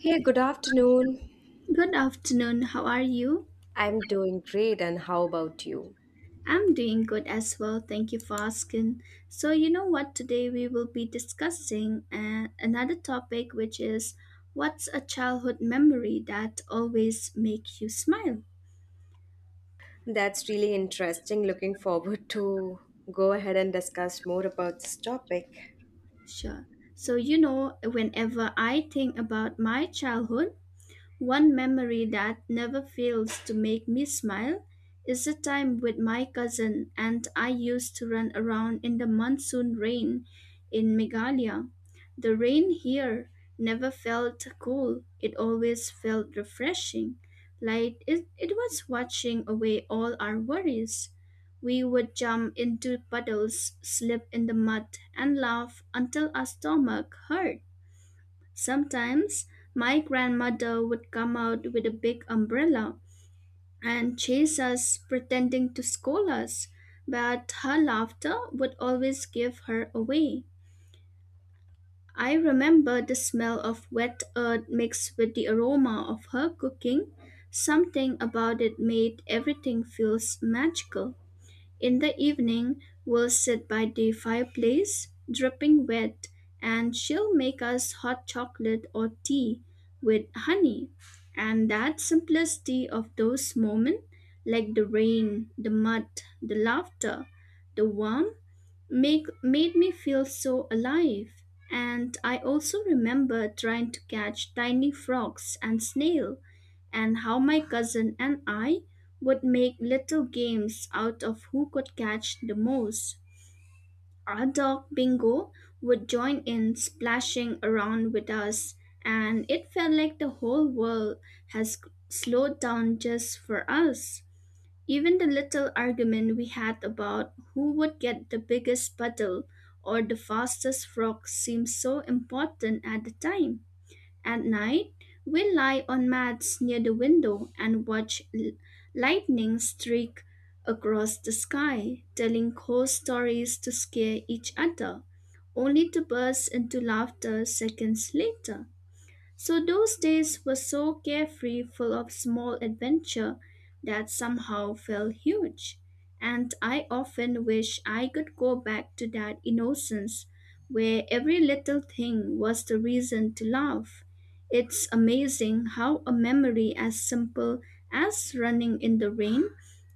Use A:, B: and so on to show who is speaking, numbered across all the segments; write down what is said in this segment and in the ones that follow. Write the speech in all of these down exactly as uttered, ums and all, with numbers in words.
A: Hey, good afternoon.
B: Good afternoon. How are you?
A: I'm doing great, and how about you?
B: I'm doing good as well. Thank you for asking. So, you know what? Today we will be discussing uh, another topic, which is what's a childhood memory that always make you smile?
A: That's really interesting. Looking forward to go ahead and discuss more about this topic.
B: Sure. So, you know, whenever I think about my childhood, one memory that never fails to make me smile is the time with my cousin and I used to run around in the monsoon rain in Meghalaya. The rain here never felt cool, it always felt refreshing, like it, it was washing away all our worries. We would jump into puddles, slip in the mud, and laugh until our stomach hurt. Sometimes my grandmother would come out with a big umbrella and chase us, pretending to scold us, but her laughter would always give her away. I remember the smell of wet earth mixed with the aroma of her cooking. Something about it made everything feels magical. In the evening, we'll sit by the fireplace, dripping wet, and she'll make us hot chocolate or tea with honey. And that simplicity of those moments, like the rain, the mud, the laughter, the warmth, make, made me feel so alive. And I also remember trying to catch tiny frogs and snails, and how my cousin and I would make little games out of who could catch the most. Our dog Bingo would join in splashing around with us, and it felt like the whole world has slowed down just for us. Even the little argument we had about who would get the biggest puddle or the fastest frog seemed so important at the time. At night, we lie on mats near the window and watch l- lightning streak across the sky, telling ghost stories to scare each other, only to burst into laughter seconds later. So those days were so carefree, full of small adventure that somehow felt huge. And I often wish I could go back to that innocence where every little thing was the reason to laugh. It's amazing how a memory as simple as running in the rain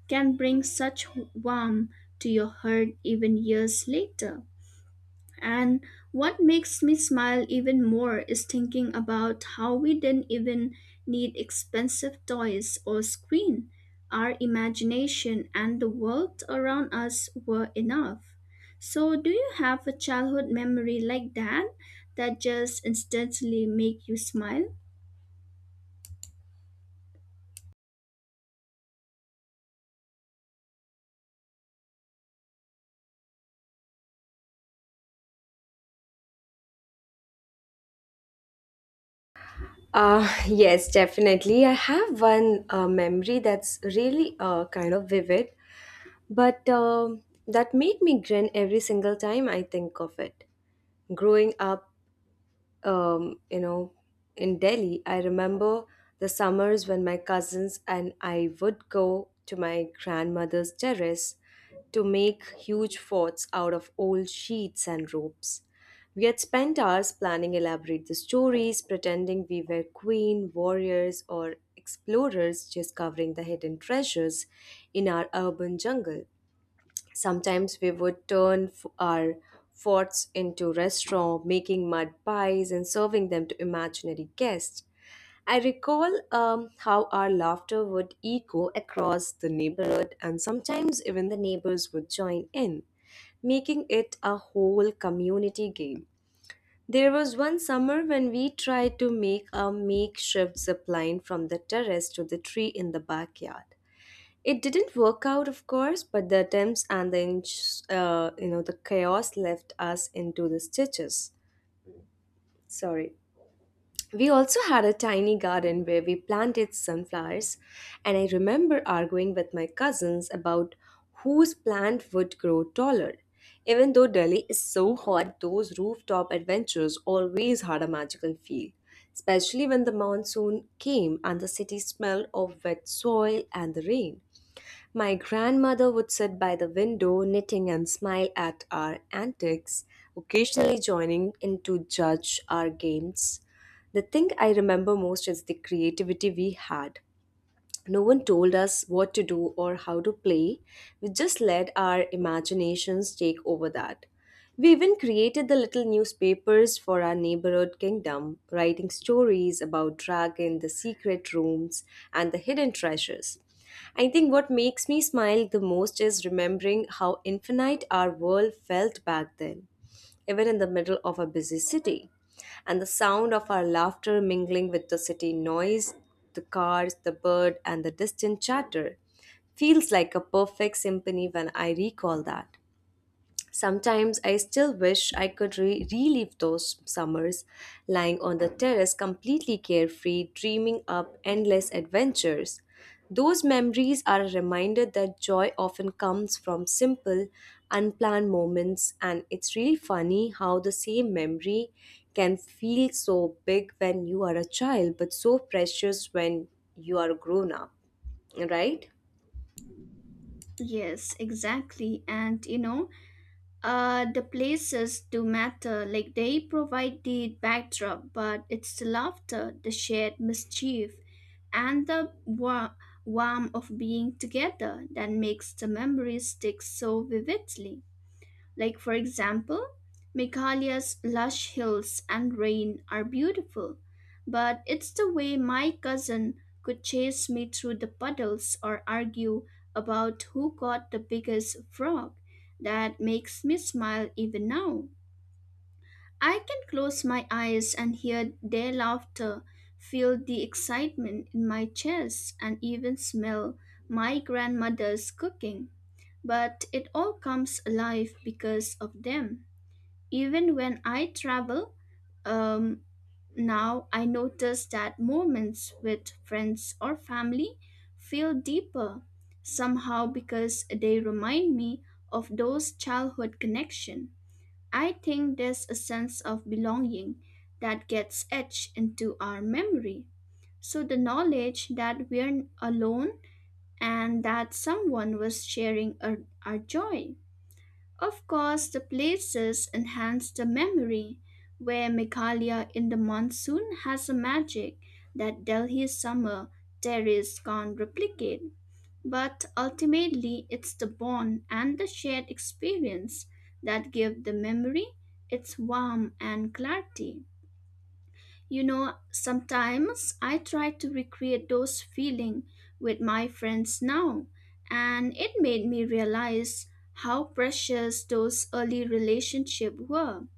B: can bring such warmth to your heart even years later. And what makes me smile even more is thinking about how we didn't even need expensive toys or screen. Our imagination and the world around us were enough. So do you have a childhood memory like that that just instantly make you smile?
A: Uh, yes, definitely. I have one uh, memory that's really uh, kind of vivid, but um that made me grin every single time I think of it. Growing up um, you know, in Delhi, I remember the summers when my cousins and I would go to my grandmother's terrace to make huge forts out of old sheets and ropes. We had spent hours planning elaborate the stories, pretending we were queen, warriors, or explorers discovering the hidden treasures in our urban jungle. Sometimes we would turn f- our forts into restaurants, making mud pies and serving them to imaginary guests. I recall um, how our laughter would echo across the neighborhood, and sometimes even the neighbors would join in, making it a whole community game. There was one summer when we tried to make a makeshift zip line from the terrace to the tree in the backyard. It didn't work out, of course, but the attempts and the ins- uh, you know the chaos left us into the stitches. Sorry. We also had a tiny garden where we planted sunflowers, and I remember arguing with my cousins about whose plant would grow taller. Even though Delhi is so hot, those rooftop adventures always had a magical feel, especially when the monsoon came and the city smelled of wet soil and the rain. My grandmother would sit by the window, knitting and smile at our antics, occasionally joining in to judge our games. The thing I remember most is the creativity we had. No one told us what to do or how to play. We just let our imaginations take over that. We even created the little newspapers for our neighborhood kingdom, writing stories about dragon, the secret rooms, and the hidden treasures. I think what makes me smile the most is remembering how infinite our world felt back then even in the middle of a busy city. And the sound of our laughter mingling with the city noise, the cars, the bird, and the distant chatter feels like a perfect symphony when I recall that. Sometimes I still wish I could re- relive those summers, lying on the terrace completely carefree, dreaming up endless adventures. Those memories are a reminder that joy often comes from simple, unplanned moments, and it's really funny how the same memory can feel so big when you are a child, but so precious when you are grown up, right?
B: Yes, exactly. And you know, Uh, the places do matter, like they provide the backdrop, but it's the laughter, the shared mischief, and the wa- warmth of being together that makes the memory stick so vividly. Like, for example, Meghalaya's lush hills and rain are beautiful, but it's the way my cousin could chase me through the puddles or argue about who caught the biggest frog that makes me smile even now. I can close my eyes and hear their laughter, feel the excitement in my chest, and even smell my grandmother's cooking. But it all comes alive because of them. Even when I travel, um, now I notice that moments with friends or family feel deeper somehow because they remind me of those childhood connections. I think there's a sense of belonging that gets etched into our memory. So the knowledge that we're alone and that someone was sharing our, our joy. Of course, the places enhance the memory, where Meghalaya in the monsoon has a magic that Delhi's summer terrace can't replicate. But ultimately, it's the bond and the shared experience that give the memory its warmth and clarity. You know, sometimes I try to recreate those feelings with my friends now, and it made me realize how precious those early relationships were.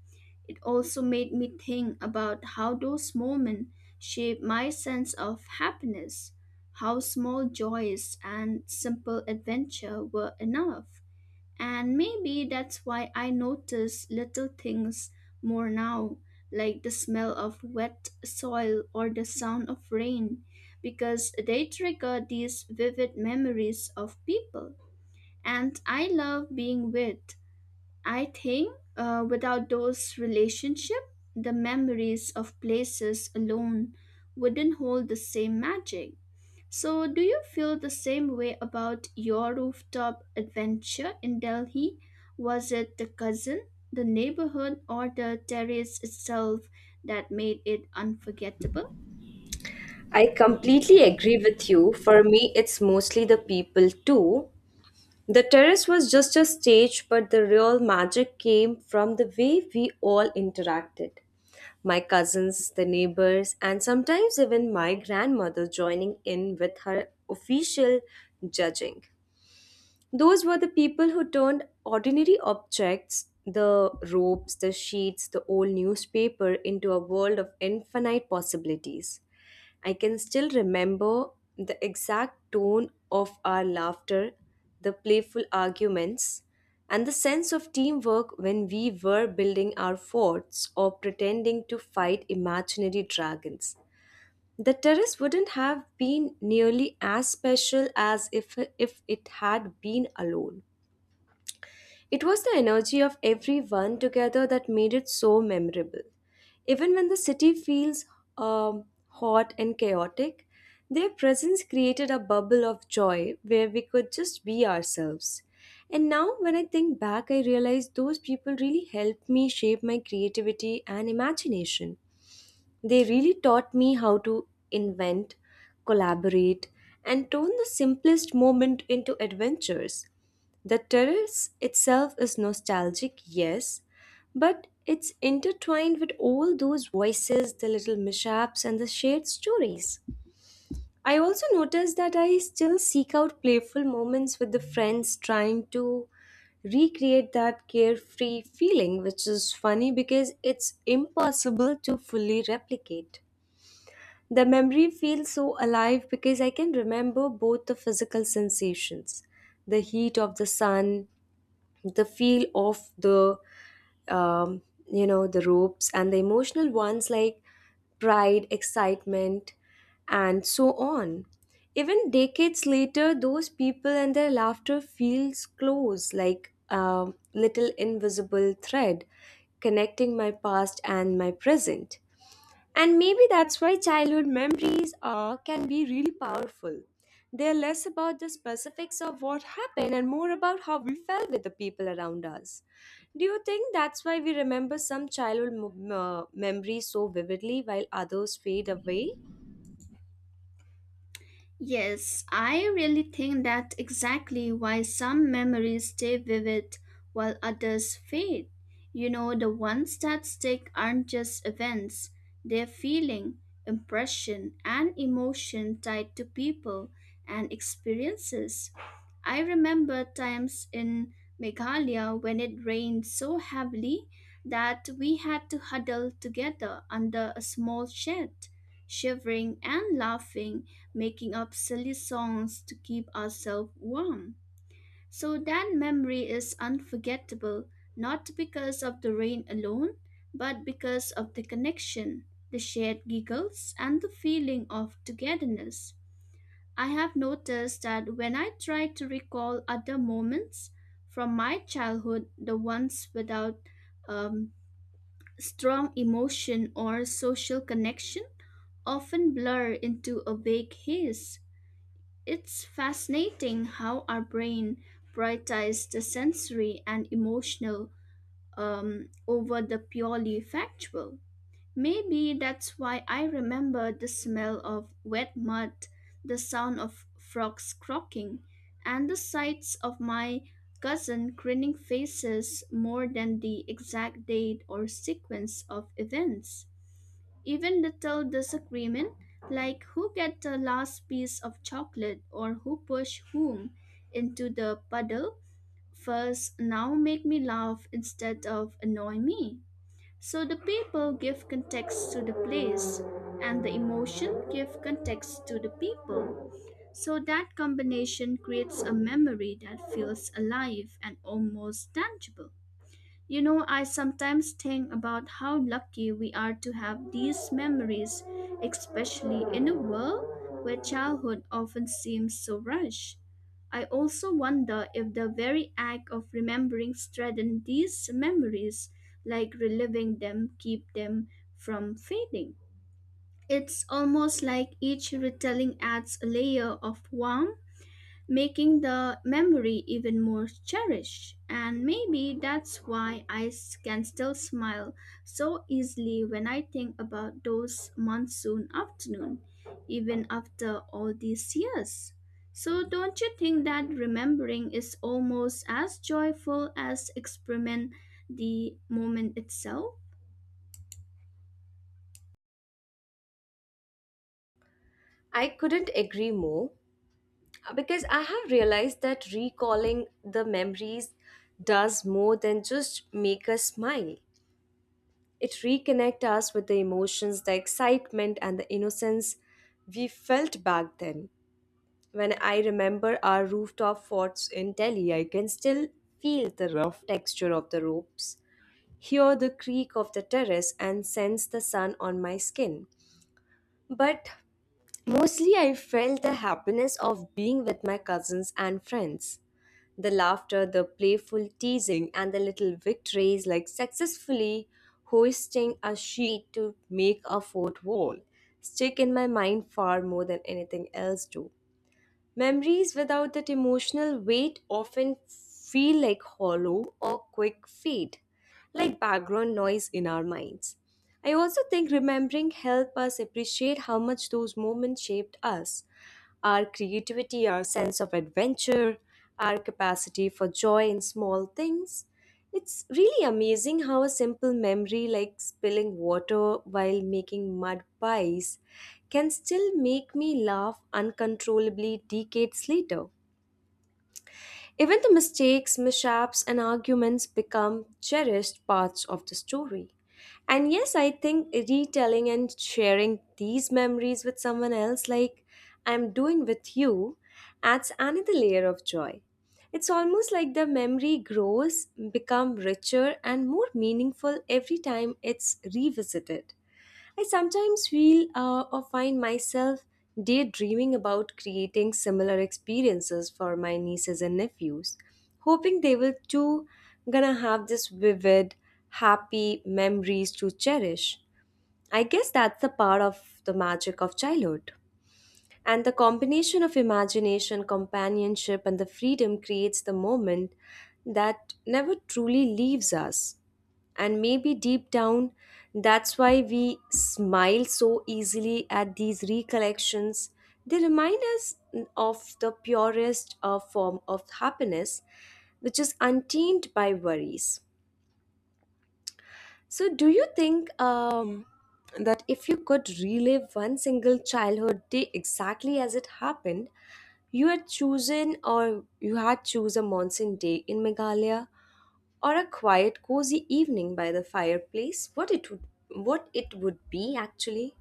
B: It also made me think about how those moments shaped my sense of happiness, how small joys and simple adventure were enough. And maybe that's why I notice little things more now, like the smell of wet soil or the sound of rain, because they trigger these vivid memories of people. And I love being with. I think uh, without those relationships, the memories of places alone wouldn't hold the same magic. So, do you feel the same way about your rooftop adventure in Delhi? Was it the cousin, the neighborhood, or the terrace itself that made it unforgettable?
A: I completely agree with you. For me, it's mostly the people too. The terrace was just a stage, but the real magic came from the way we all interacted. My cousins, the neighbors, and sometimes even my grandmother joining in with her official judging. Those were the people who turned ordinary objects, the ropes, the sheets, the old newspaper, into a world of infinite possibilities. I can still remember the exact tone of our laughter, the playful arguments, and the sense of teamwork when we were building our forts or pretending to fight imaginary dragons. The terrace wouldn't have been nearly as special as if, if it had been alone. It was the energy of everyone together that made it so memorable. Even when the city feels um, hot and chaotic, their presence created a bubble of joy where we could just be ourselves. And now, when I think back, I realize those people really helped me shape my creativity and imagination. They really taught me how to invent, collaborate, and turn the simplest moment into adventures. The terrace itself is nostalgic, yes, but it's intertwined with all those voices, the little mishaps, and the shared stories. I also noticed that I still seek out playful moments with the friends trying to recreate that carefree feeling, which is funny because it's impossible to fully replicate. The memory feels so alive because I can remember both the physical sensations the heat of the sun, the feel of the um, you know the ropes and the emotional ones like pride excitement and so on even decades later those people and their laughter feels close like a little invisible thread connecting my past and my present and maybe that's why childhood memories are, can be really powerful. They're less about the specifics of what happened and more about how we felt with the people around us. Do you think that's why we remember some childhood m- uh, memories so vividly while others fade away?
B: Yes, I really think that exactly why some memories stay vivid while others fade. You know, the ones that stick aren't just events, they're feeling, impression, and emotion tied to people and experiences. I remember times in Meghalaya when it rained so heavily that we had to huddle together under a small shed, shivering and laughing, making up silly songs to keep ourselves warm. So that memory is unforgettable, not because of the rain alone, but because of the connection, the shared giggles, and the feeling of togetherness. I have noticed that when I try to recall other moments from my childhood, the ones without um, strong emotion or social connection, often blur into a vague haze. It's fascinating how our brain prioritizes the sensory and emotional um, over the purely factual. Maybe that's why I remember the smell of wet mud, the sound of frogs croaking, and the sights of my cousin grinning faces more than the exact date or sequence of events. Even little disagreement, like who get the last piece of chocolate or who push whom into the puddle first, now make me laugh instead of annoy me. So the people give context to the place, and the emotion give context to the people. So that combination creates a memory that feels alive and almost tangible. You know, I sometimes think about how lucky we are to have these memories, especially in a world where childhood often seems so rushed. I also wonder if the very act of remembering strengthens these memories, like reliving them, keep them from fading. It's almost like each retelling adds a layer of warmth making the memory even more cherished. And maybe that's why I s- can still smile so easily when I think about those monsoon afternoon, even after all these years. So don't you think that remembering is almost as joyful as experiment the moment itself?
A: I couldn't agree more uh, because I have realized that recalling the memories does more than just make us smile. It reconnects us with the emotions, the excitement, and the innocence we felt back then. When I remember our rooftop forts in Delhi, I can still feel the rough texture of the ropes, hear the creak of the terrace, and sense the sun on my skin. But mostly, I felt the happiness of being with my cousins and friends. The laughter, the playful teasing, and the little victories like successfully hoisting a sheet to make a fort wall stick in my mind far more than anything else do. Memories without that emotional weight often feel like hollow or quick fade, like background noise in our minds. I also think remembering help us appreciate how much those moments shaped us our creativity, our sense of adventure, our capacity for joy in small things. It's really amazing how a simple memory like spilling water while making mud pies can still make me laugh uncontrollably decades later. Even the mistakes, mishaps, and arguments become cherished parts of the story. And yes, I think retelling and sharing these memories with someone else, like I'm doing with you, adds another layer of joy. It's almost like the memory grows, become richer and more meaningful every time it's revisited. I sometimes feel uh, or find myself daydreaming about creating similar experiences for my nieces and nephews, hoping they will too gonna have this vivid, happy memories to cherish. I guess that's the part of the magic of childhood. And the combination of imagination, companionship, and the freedom creates the moment that never truly leaves us. And maybe deep down, that's why we smile so easily at these recollections. They remind us of the purest uh, form of happiness, which is untainted by worries. So, do you think um, that if you could relive one single childhood day exactly as it happened, you had chosen or you had choose a monsoon day in Meghalaya or a quiet, cozy evening by the fireplace? What it would, what it would be actually?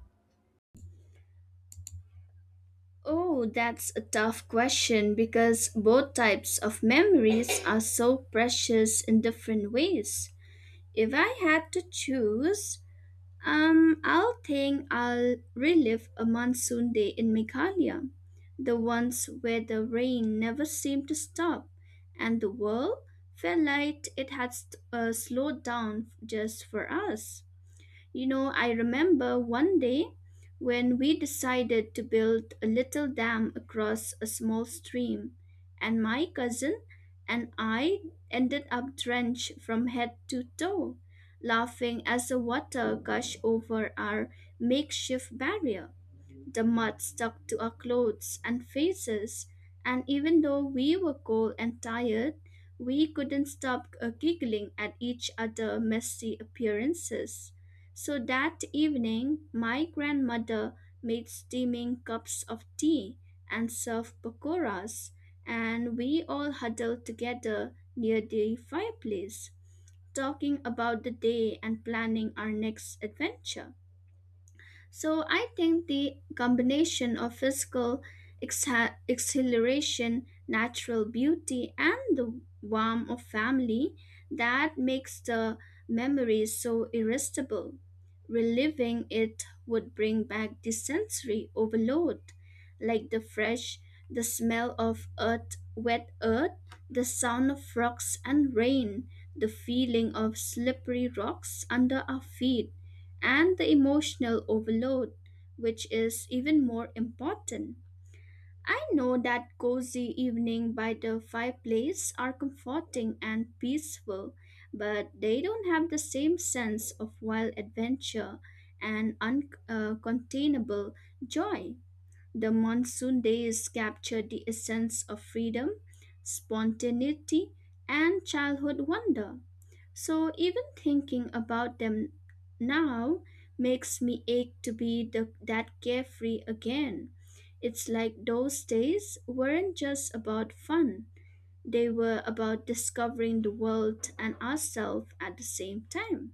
B: Oh, that's a tough question because both types of memories are so precious in different ways. If I had to choose, um, I'll think I'll relive a monsoon day in Meghalaya, the ones where the rain never seemed to stop, and the world felt like it had st- uh, slowed down just for us. You know, I remember one day when we decided to build a little dam across a small stream, and my cousin and I ended up drenched from head to toe, laughing as the water gushed over our makeshift barrier. The mud stuck to our clothes and faces, and even though we were cold and tired, we couldn't stop uh, giggling at each other's messy appearances. So that evening, my grandmother made steaming cups of tea and served pakoras, and we all huddled together near the fireplace, talking about the day and planning our next adventure. So I think the combination of physical exha- exhilaration, natural beauty, and the warmth of family that makes the memory so irresistible. Reliving it would bring back the sensory overload, like the fresh, the smell of earth, wet earth, the sound of frogs and rain, the feeling of slippery rocks under our feet and the emotional overload, which is even more important. I know that cozy evening by the fireplace are comforting and peaceful, but they don't have the same sense of wild adventure and uncontainable joy. The monsoon days capture the essence of freedom, spontaneity, and childhood wonder. So even thinking about them now makes me ache to be the, that carefree again. It's like those days weren't just about fun, they were about discovering the world and ourselves at the same time.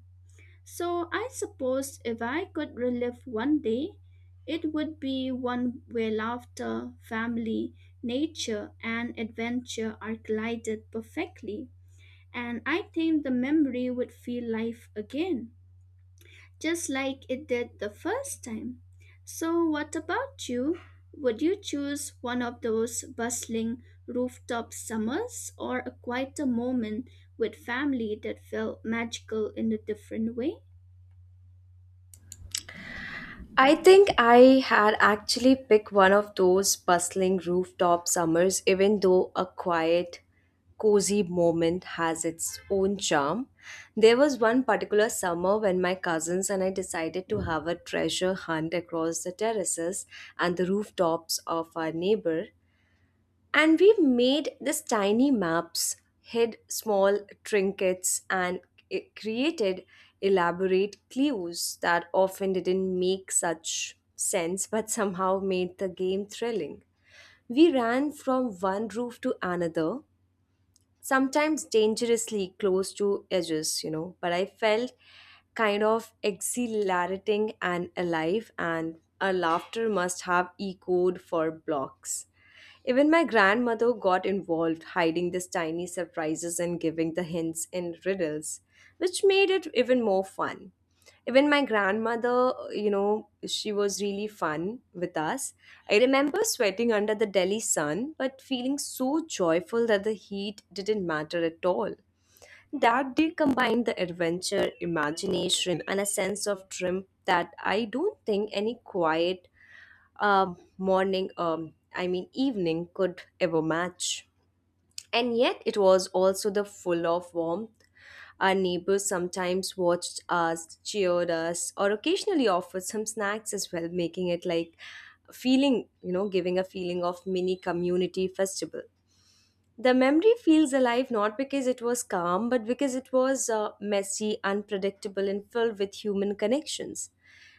B: So I suppose if I could relive one day, it would be one where laughter, family, nature, and adventure are glided perfectly. And I think the memory would feel life again, just like it did the first time. So, what about you? Would you choose one of those bustling rooftop summers or a quieter moment with family that felt magical in a different way?
A: I think I had actually picked one of those bustling rooftop summers, even though a quiet, cozy moment has its own charm. There was one particular summer when my cousins and I decided to have a treasure hunt across the terraces and the rooftops of our neighbor and we've made these tiny maps, hid small trinkets, and c- created elaborate clues that often didn't make such sense but somehow made the game thrilling. We ran from one roof to another, sometimes dangerously close to edges, you know, but I felt kind of exhilarating and alive, and our laughter must have echoed for blocks. Even my grandmother got involved, hiding these tiny surprises and giving the hints in riddles, which made it even more fun. Even my grandmother, you know, she was really fun with us. I remember sweating under the Delhi sun, but feeling so joyful that the heat didn't matter at all. That did combine the adventure, imagination, and a sense of dream that I don't think any quiet um, morning, um, I mean evening, could ever match. And yet it was also the full of warmth. Our neighbors sometimes watched us, cheered us, or occasionally offered some snacks as well, making it like feeling, you know, giving a feeling of mini community festival. The memory feels alive not because it was calm, but because it was uh, messy, unpredictable, and filled with human connections.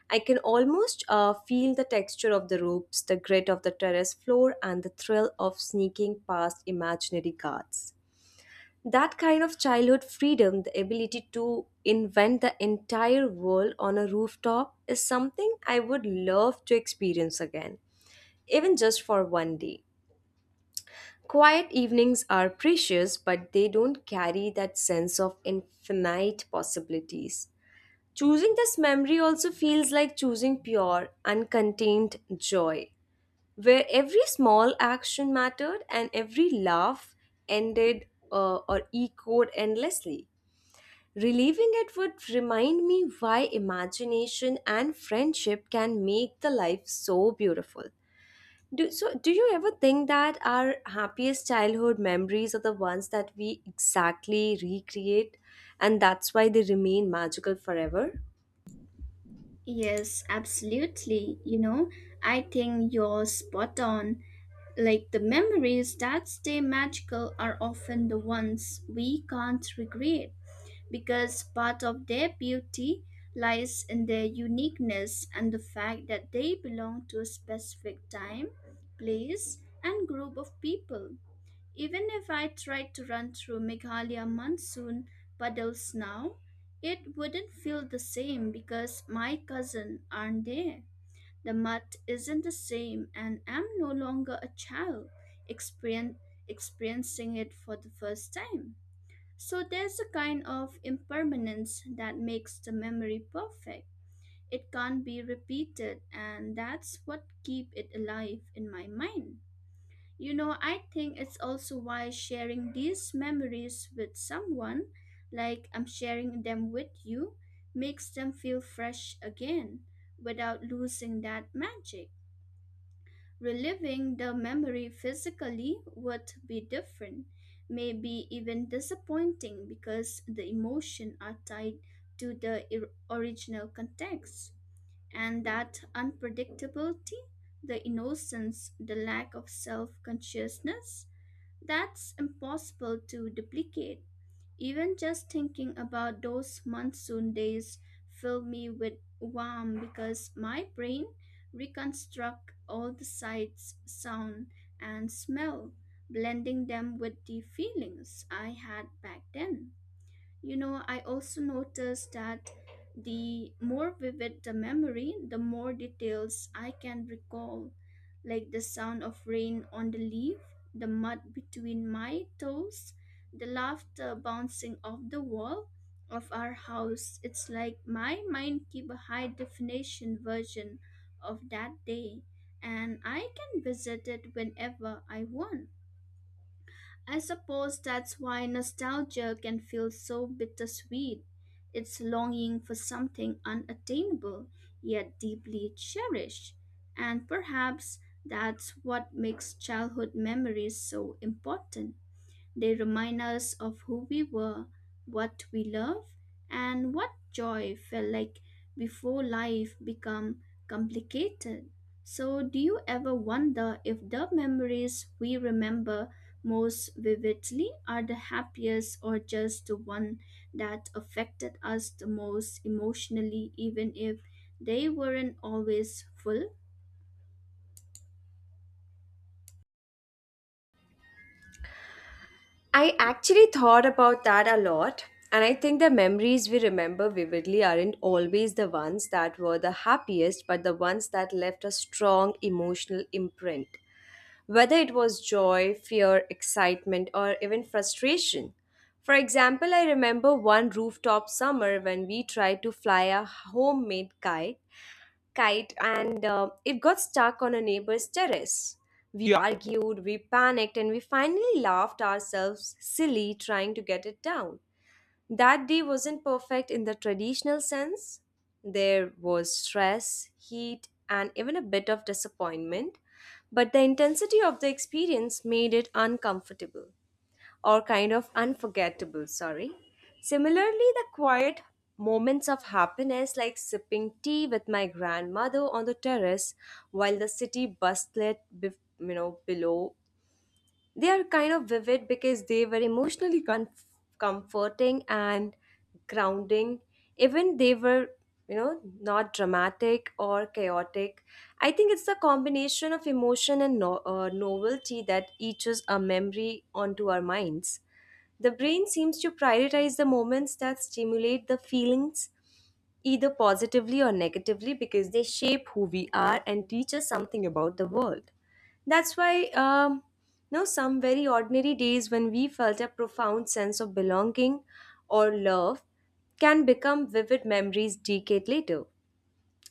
A: I can almost uh, feel the texture of the ropes, the grit of the terrace floor, and the thrill of sneaking past imaginary guards. That kind of childhood freedom, the ability to invent the entire world on a rooftop, is something I would love to experience again, even just for one day. Quiet evenings are precious, but they don't carry that sense of infinite possibilities. Choosing this memory also feels like choosing pure, uncontained joy, where every small action mattered and every laugh ended uh, or echoed endlessly. Reliving it would remind me why imagination and friendship can make the life so beautiful. Do, so, do you ever think that our happiest childhood memories are the ones that we exactly recreate and that's why they remain magical forever?
B: Yes, absolutely. You know, I think you're spot on. Like the memories that stay magical are often the ones we can't recreate because part of their beauty lies in their uniqueness and the fact that they belong to a specific time, place, and group of people. Even if I tried to run through Meghalaya monsoon puddles now, it wouldn't feel the same because my cousin aren't there. The mud isn't the same, and I'm no longer a child experien- experiencing it for the first time. So there's a kind of impermanence that makes the memory perfect. It can't be repeated, and that's what keep it alive in my mind. You know, I think it's also why sharing these memories with someone, like I'm sharing them with you, makes them feel fresh again without losing that magic. Reliving the memory physically would be different, maybe even disappointing because the emotion are tied to the ir- original context. And that unpredictability, the innocence, the lack of self consciousness, that's impossible to duplicate. Even just thinking about those monsoon days fill me with warm because my brain reconstructs all the sights, sound, and smell, blending them with the feelings I had back then. You know, I also noticed that the more vivid the memory, the more details I can recall, like the sound of rain on the leaf, the mud between my toes, the laughter bouncing off the wall of our house. It's like my mind keep a high definition version of that day and I can visit it whenever I want. I suppose that's why nostalgia can feel so bittersweet. It's longing for something unattainable, yet deeply cherished. And perhaps that's what makes childhood memories so important. They remind us of who we were, what we love, and what joy felt like before life become complicated. So, do you ever wonder if the memories we remember most vividly are the happiest or just the one that affected us the most emotionally, even if they weren't always full?
A: I actually thought about that a lot, and I think the memories we remember vividly aren't always the ones that were the happiest, but the ones that left a strong emotional imprint, whether it was joy, fear, excitement, or even frustration. For example, I remember one rooftop summer when we tried to fly a homemade kite, kite and uh, it got stuck on a neighbor's terrace. We yeah, argued, we panicked, and we finally laughed ourselves silly trying to get it down. That day wasn't perfect in the traditional sense. There was stress, heat, and even a bit of disappointment, but the intensity of the experience made it uncomfortable or kind of unforgettable, sorry. Similarly, the quiet moments of happiness, like sipping tea with my grandmother on the terrace while the city bustled, bef- you know, below, they are kind of vivid because they were emotionally comf- comforting and grounding. Even they were, you know, not dramatic or chaotic. I think it's the combination of emotion and no- uh, novelty that etches a memory onto our minds. The brain seems to prioritize the moments that stimulate the feelings either positively or negatively because they shape who we are and teach us something about the world. That's why, um, you some very ordinary days when we felt a profound sense of belonging or love can become vivid memories decade later.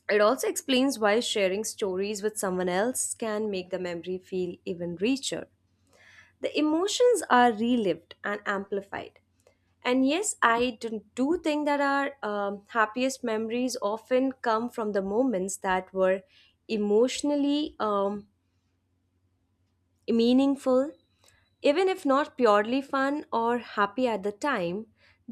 A: It also explains why sharing stories with someone else can make the memory feel even richer. The emotions are relived and amplified. And yes, I do do think that our um, happiest memories often come from the moments that were emotionally um, meaningful. Even if not purely fun or happy at the time,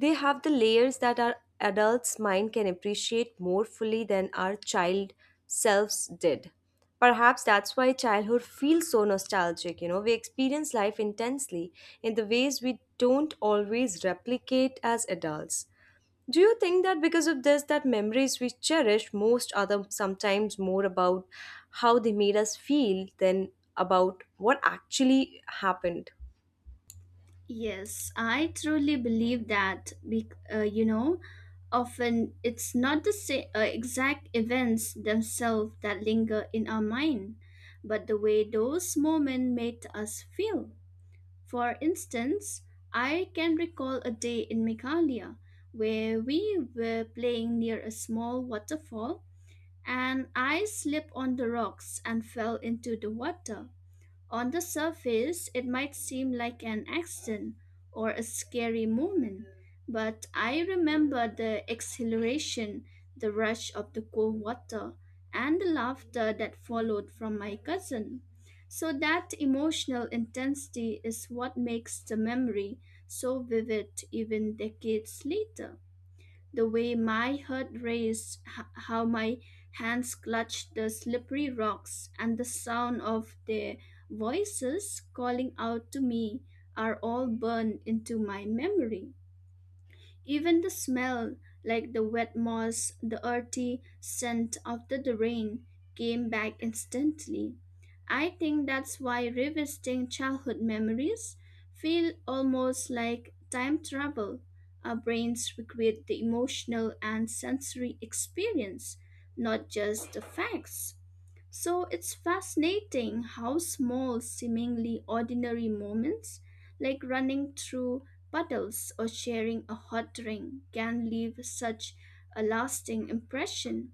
A: they have the layers that our adult's mind can appreciate more fully than our child selves did. Perhaps that's why childhood feels so nostalgic, you know. We experience life intensely in the ways we don't always replicate as adults. Do you think that because of this that memories we cherish most are the, sometimes more about how they made us feel than about what actually happened?
B: Yes, I truly believe that. Be- uh, you know, often it's not the sa- uh, exact events themselves that linger in our mind, but the way those moments made us feel. For instance, I can recall a day in Meghalaya where we were playing near a small waterfall and I slipped on the rocks and fell into the water. On the surface, it might seem like an accident or a scary moment, but I remember the exhilaration, the rush of the cold water, and the laughter that followed from my cousin. So, that emotional intensity is what makes the memory so vivid even decades later, the way my heart raced, h- how my hands clutched the slippery rocks, and the sound of their voices calling out to me are all burned into my memory. Even the smell, like the wet moss, the earthy scent after the rain, came back instantly. I think that's why revisiting childhood memories feel almost like time travel. Our brains recreate the emotional and sensory experience, not just the facts. So it's fascinating how small, seemingly ordinary moments, like running through puddles or sharing a hot drink, can leave such a lasting impression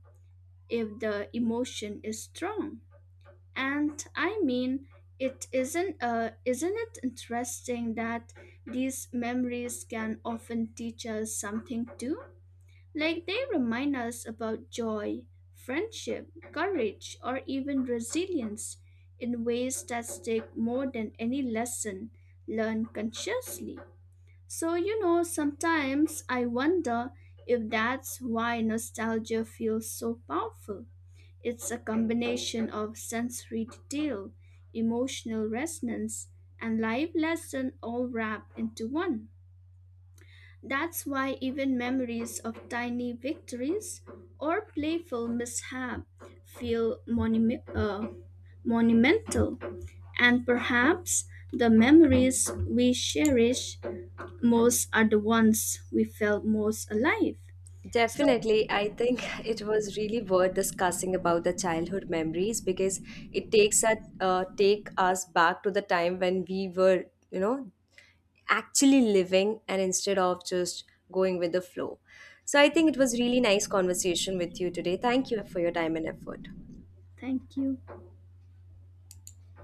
B: if the emotion is strong. And I mean, it isn't uh, isn't it interesting that these memories can often teach us something too? Like they remind us about joy, friendship, courage, or even resilience in ways that stick more than any lesson learned consciously. So, you know, sometimes I wonder if that's why nostalgia feels so powerful. It's a combination of sensory detail, emotional resonance, and life lesson all wrapped into one. That's why even memories of tiny victories or playful mishap feel monumi- uh, monumental. And perhaps the memories we cherish most are the ones we felt most alive. So,
A: Definitely, I think it was really worth discussing about the childhood memories because it takes us uh, take us back to the time when we were, you know, actually living and instead of just going with the flow. So I think it was really nice conversation with you today. Thank you for your time and effort.
B: thank you.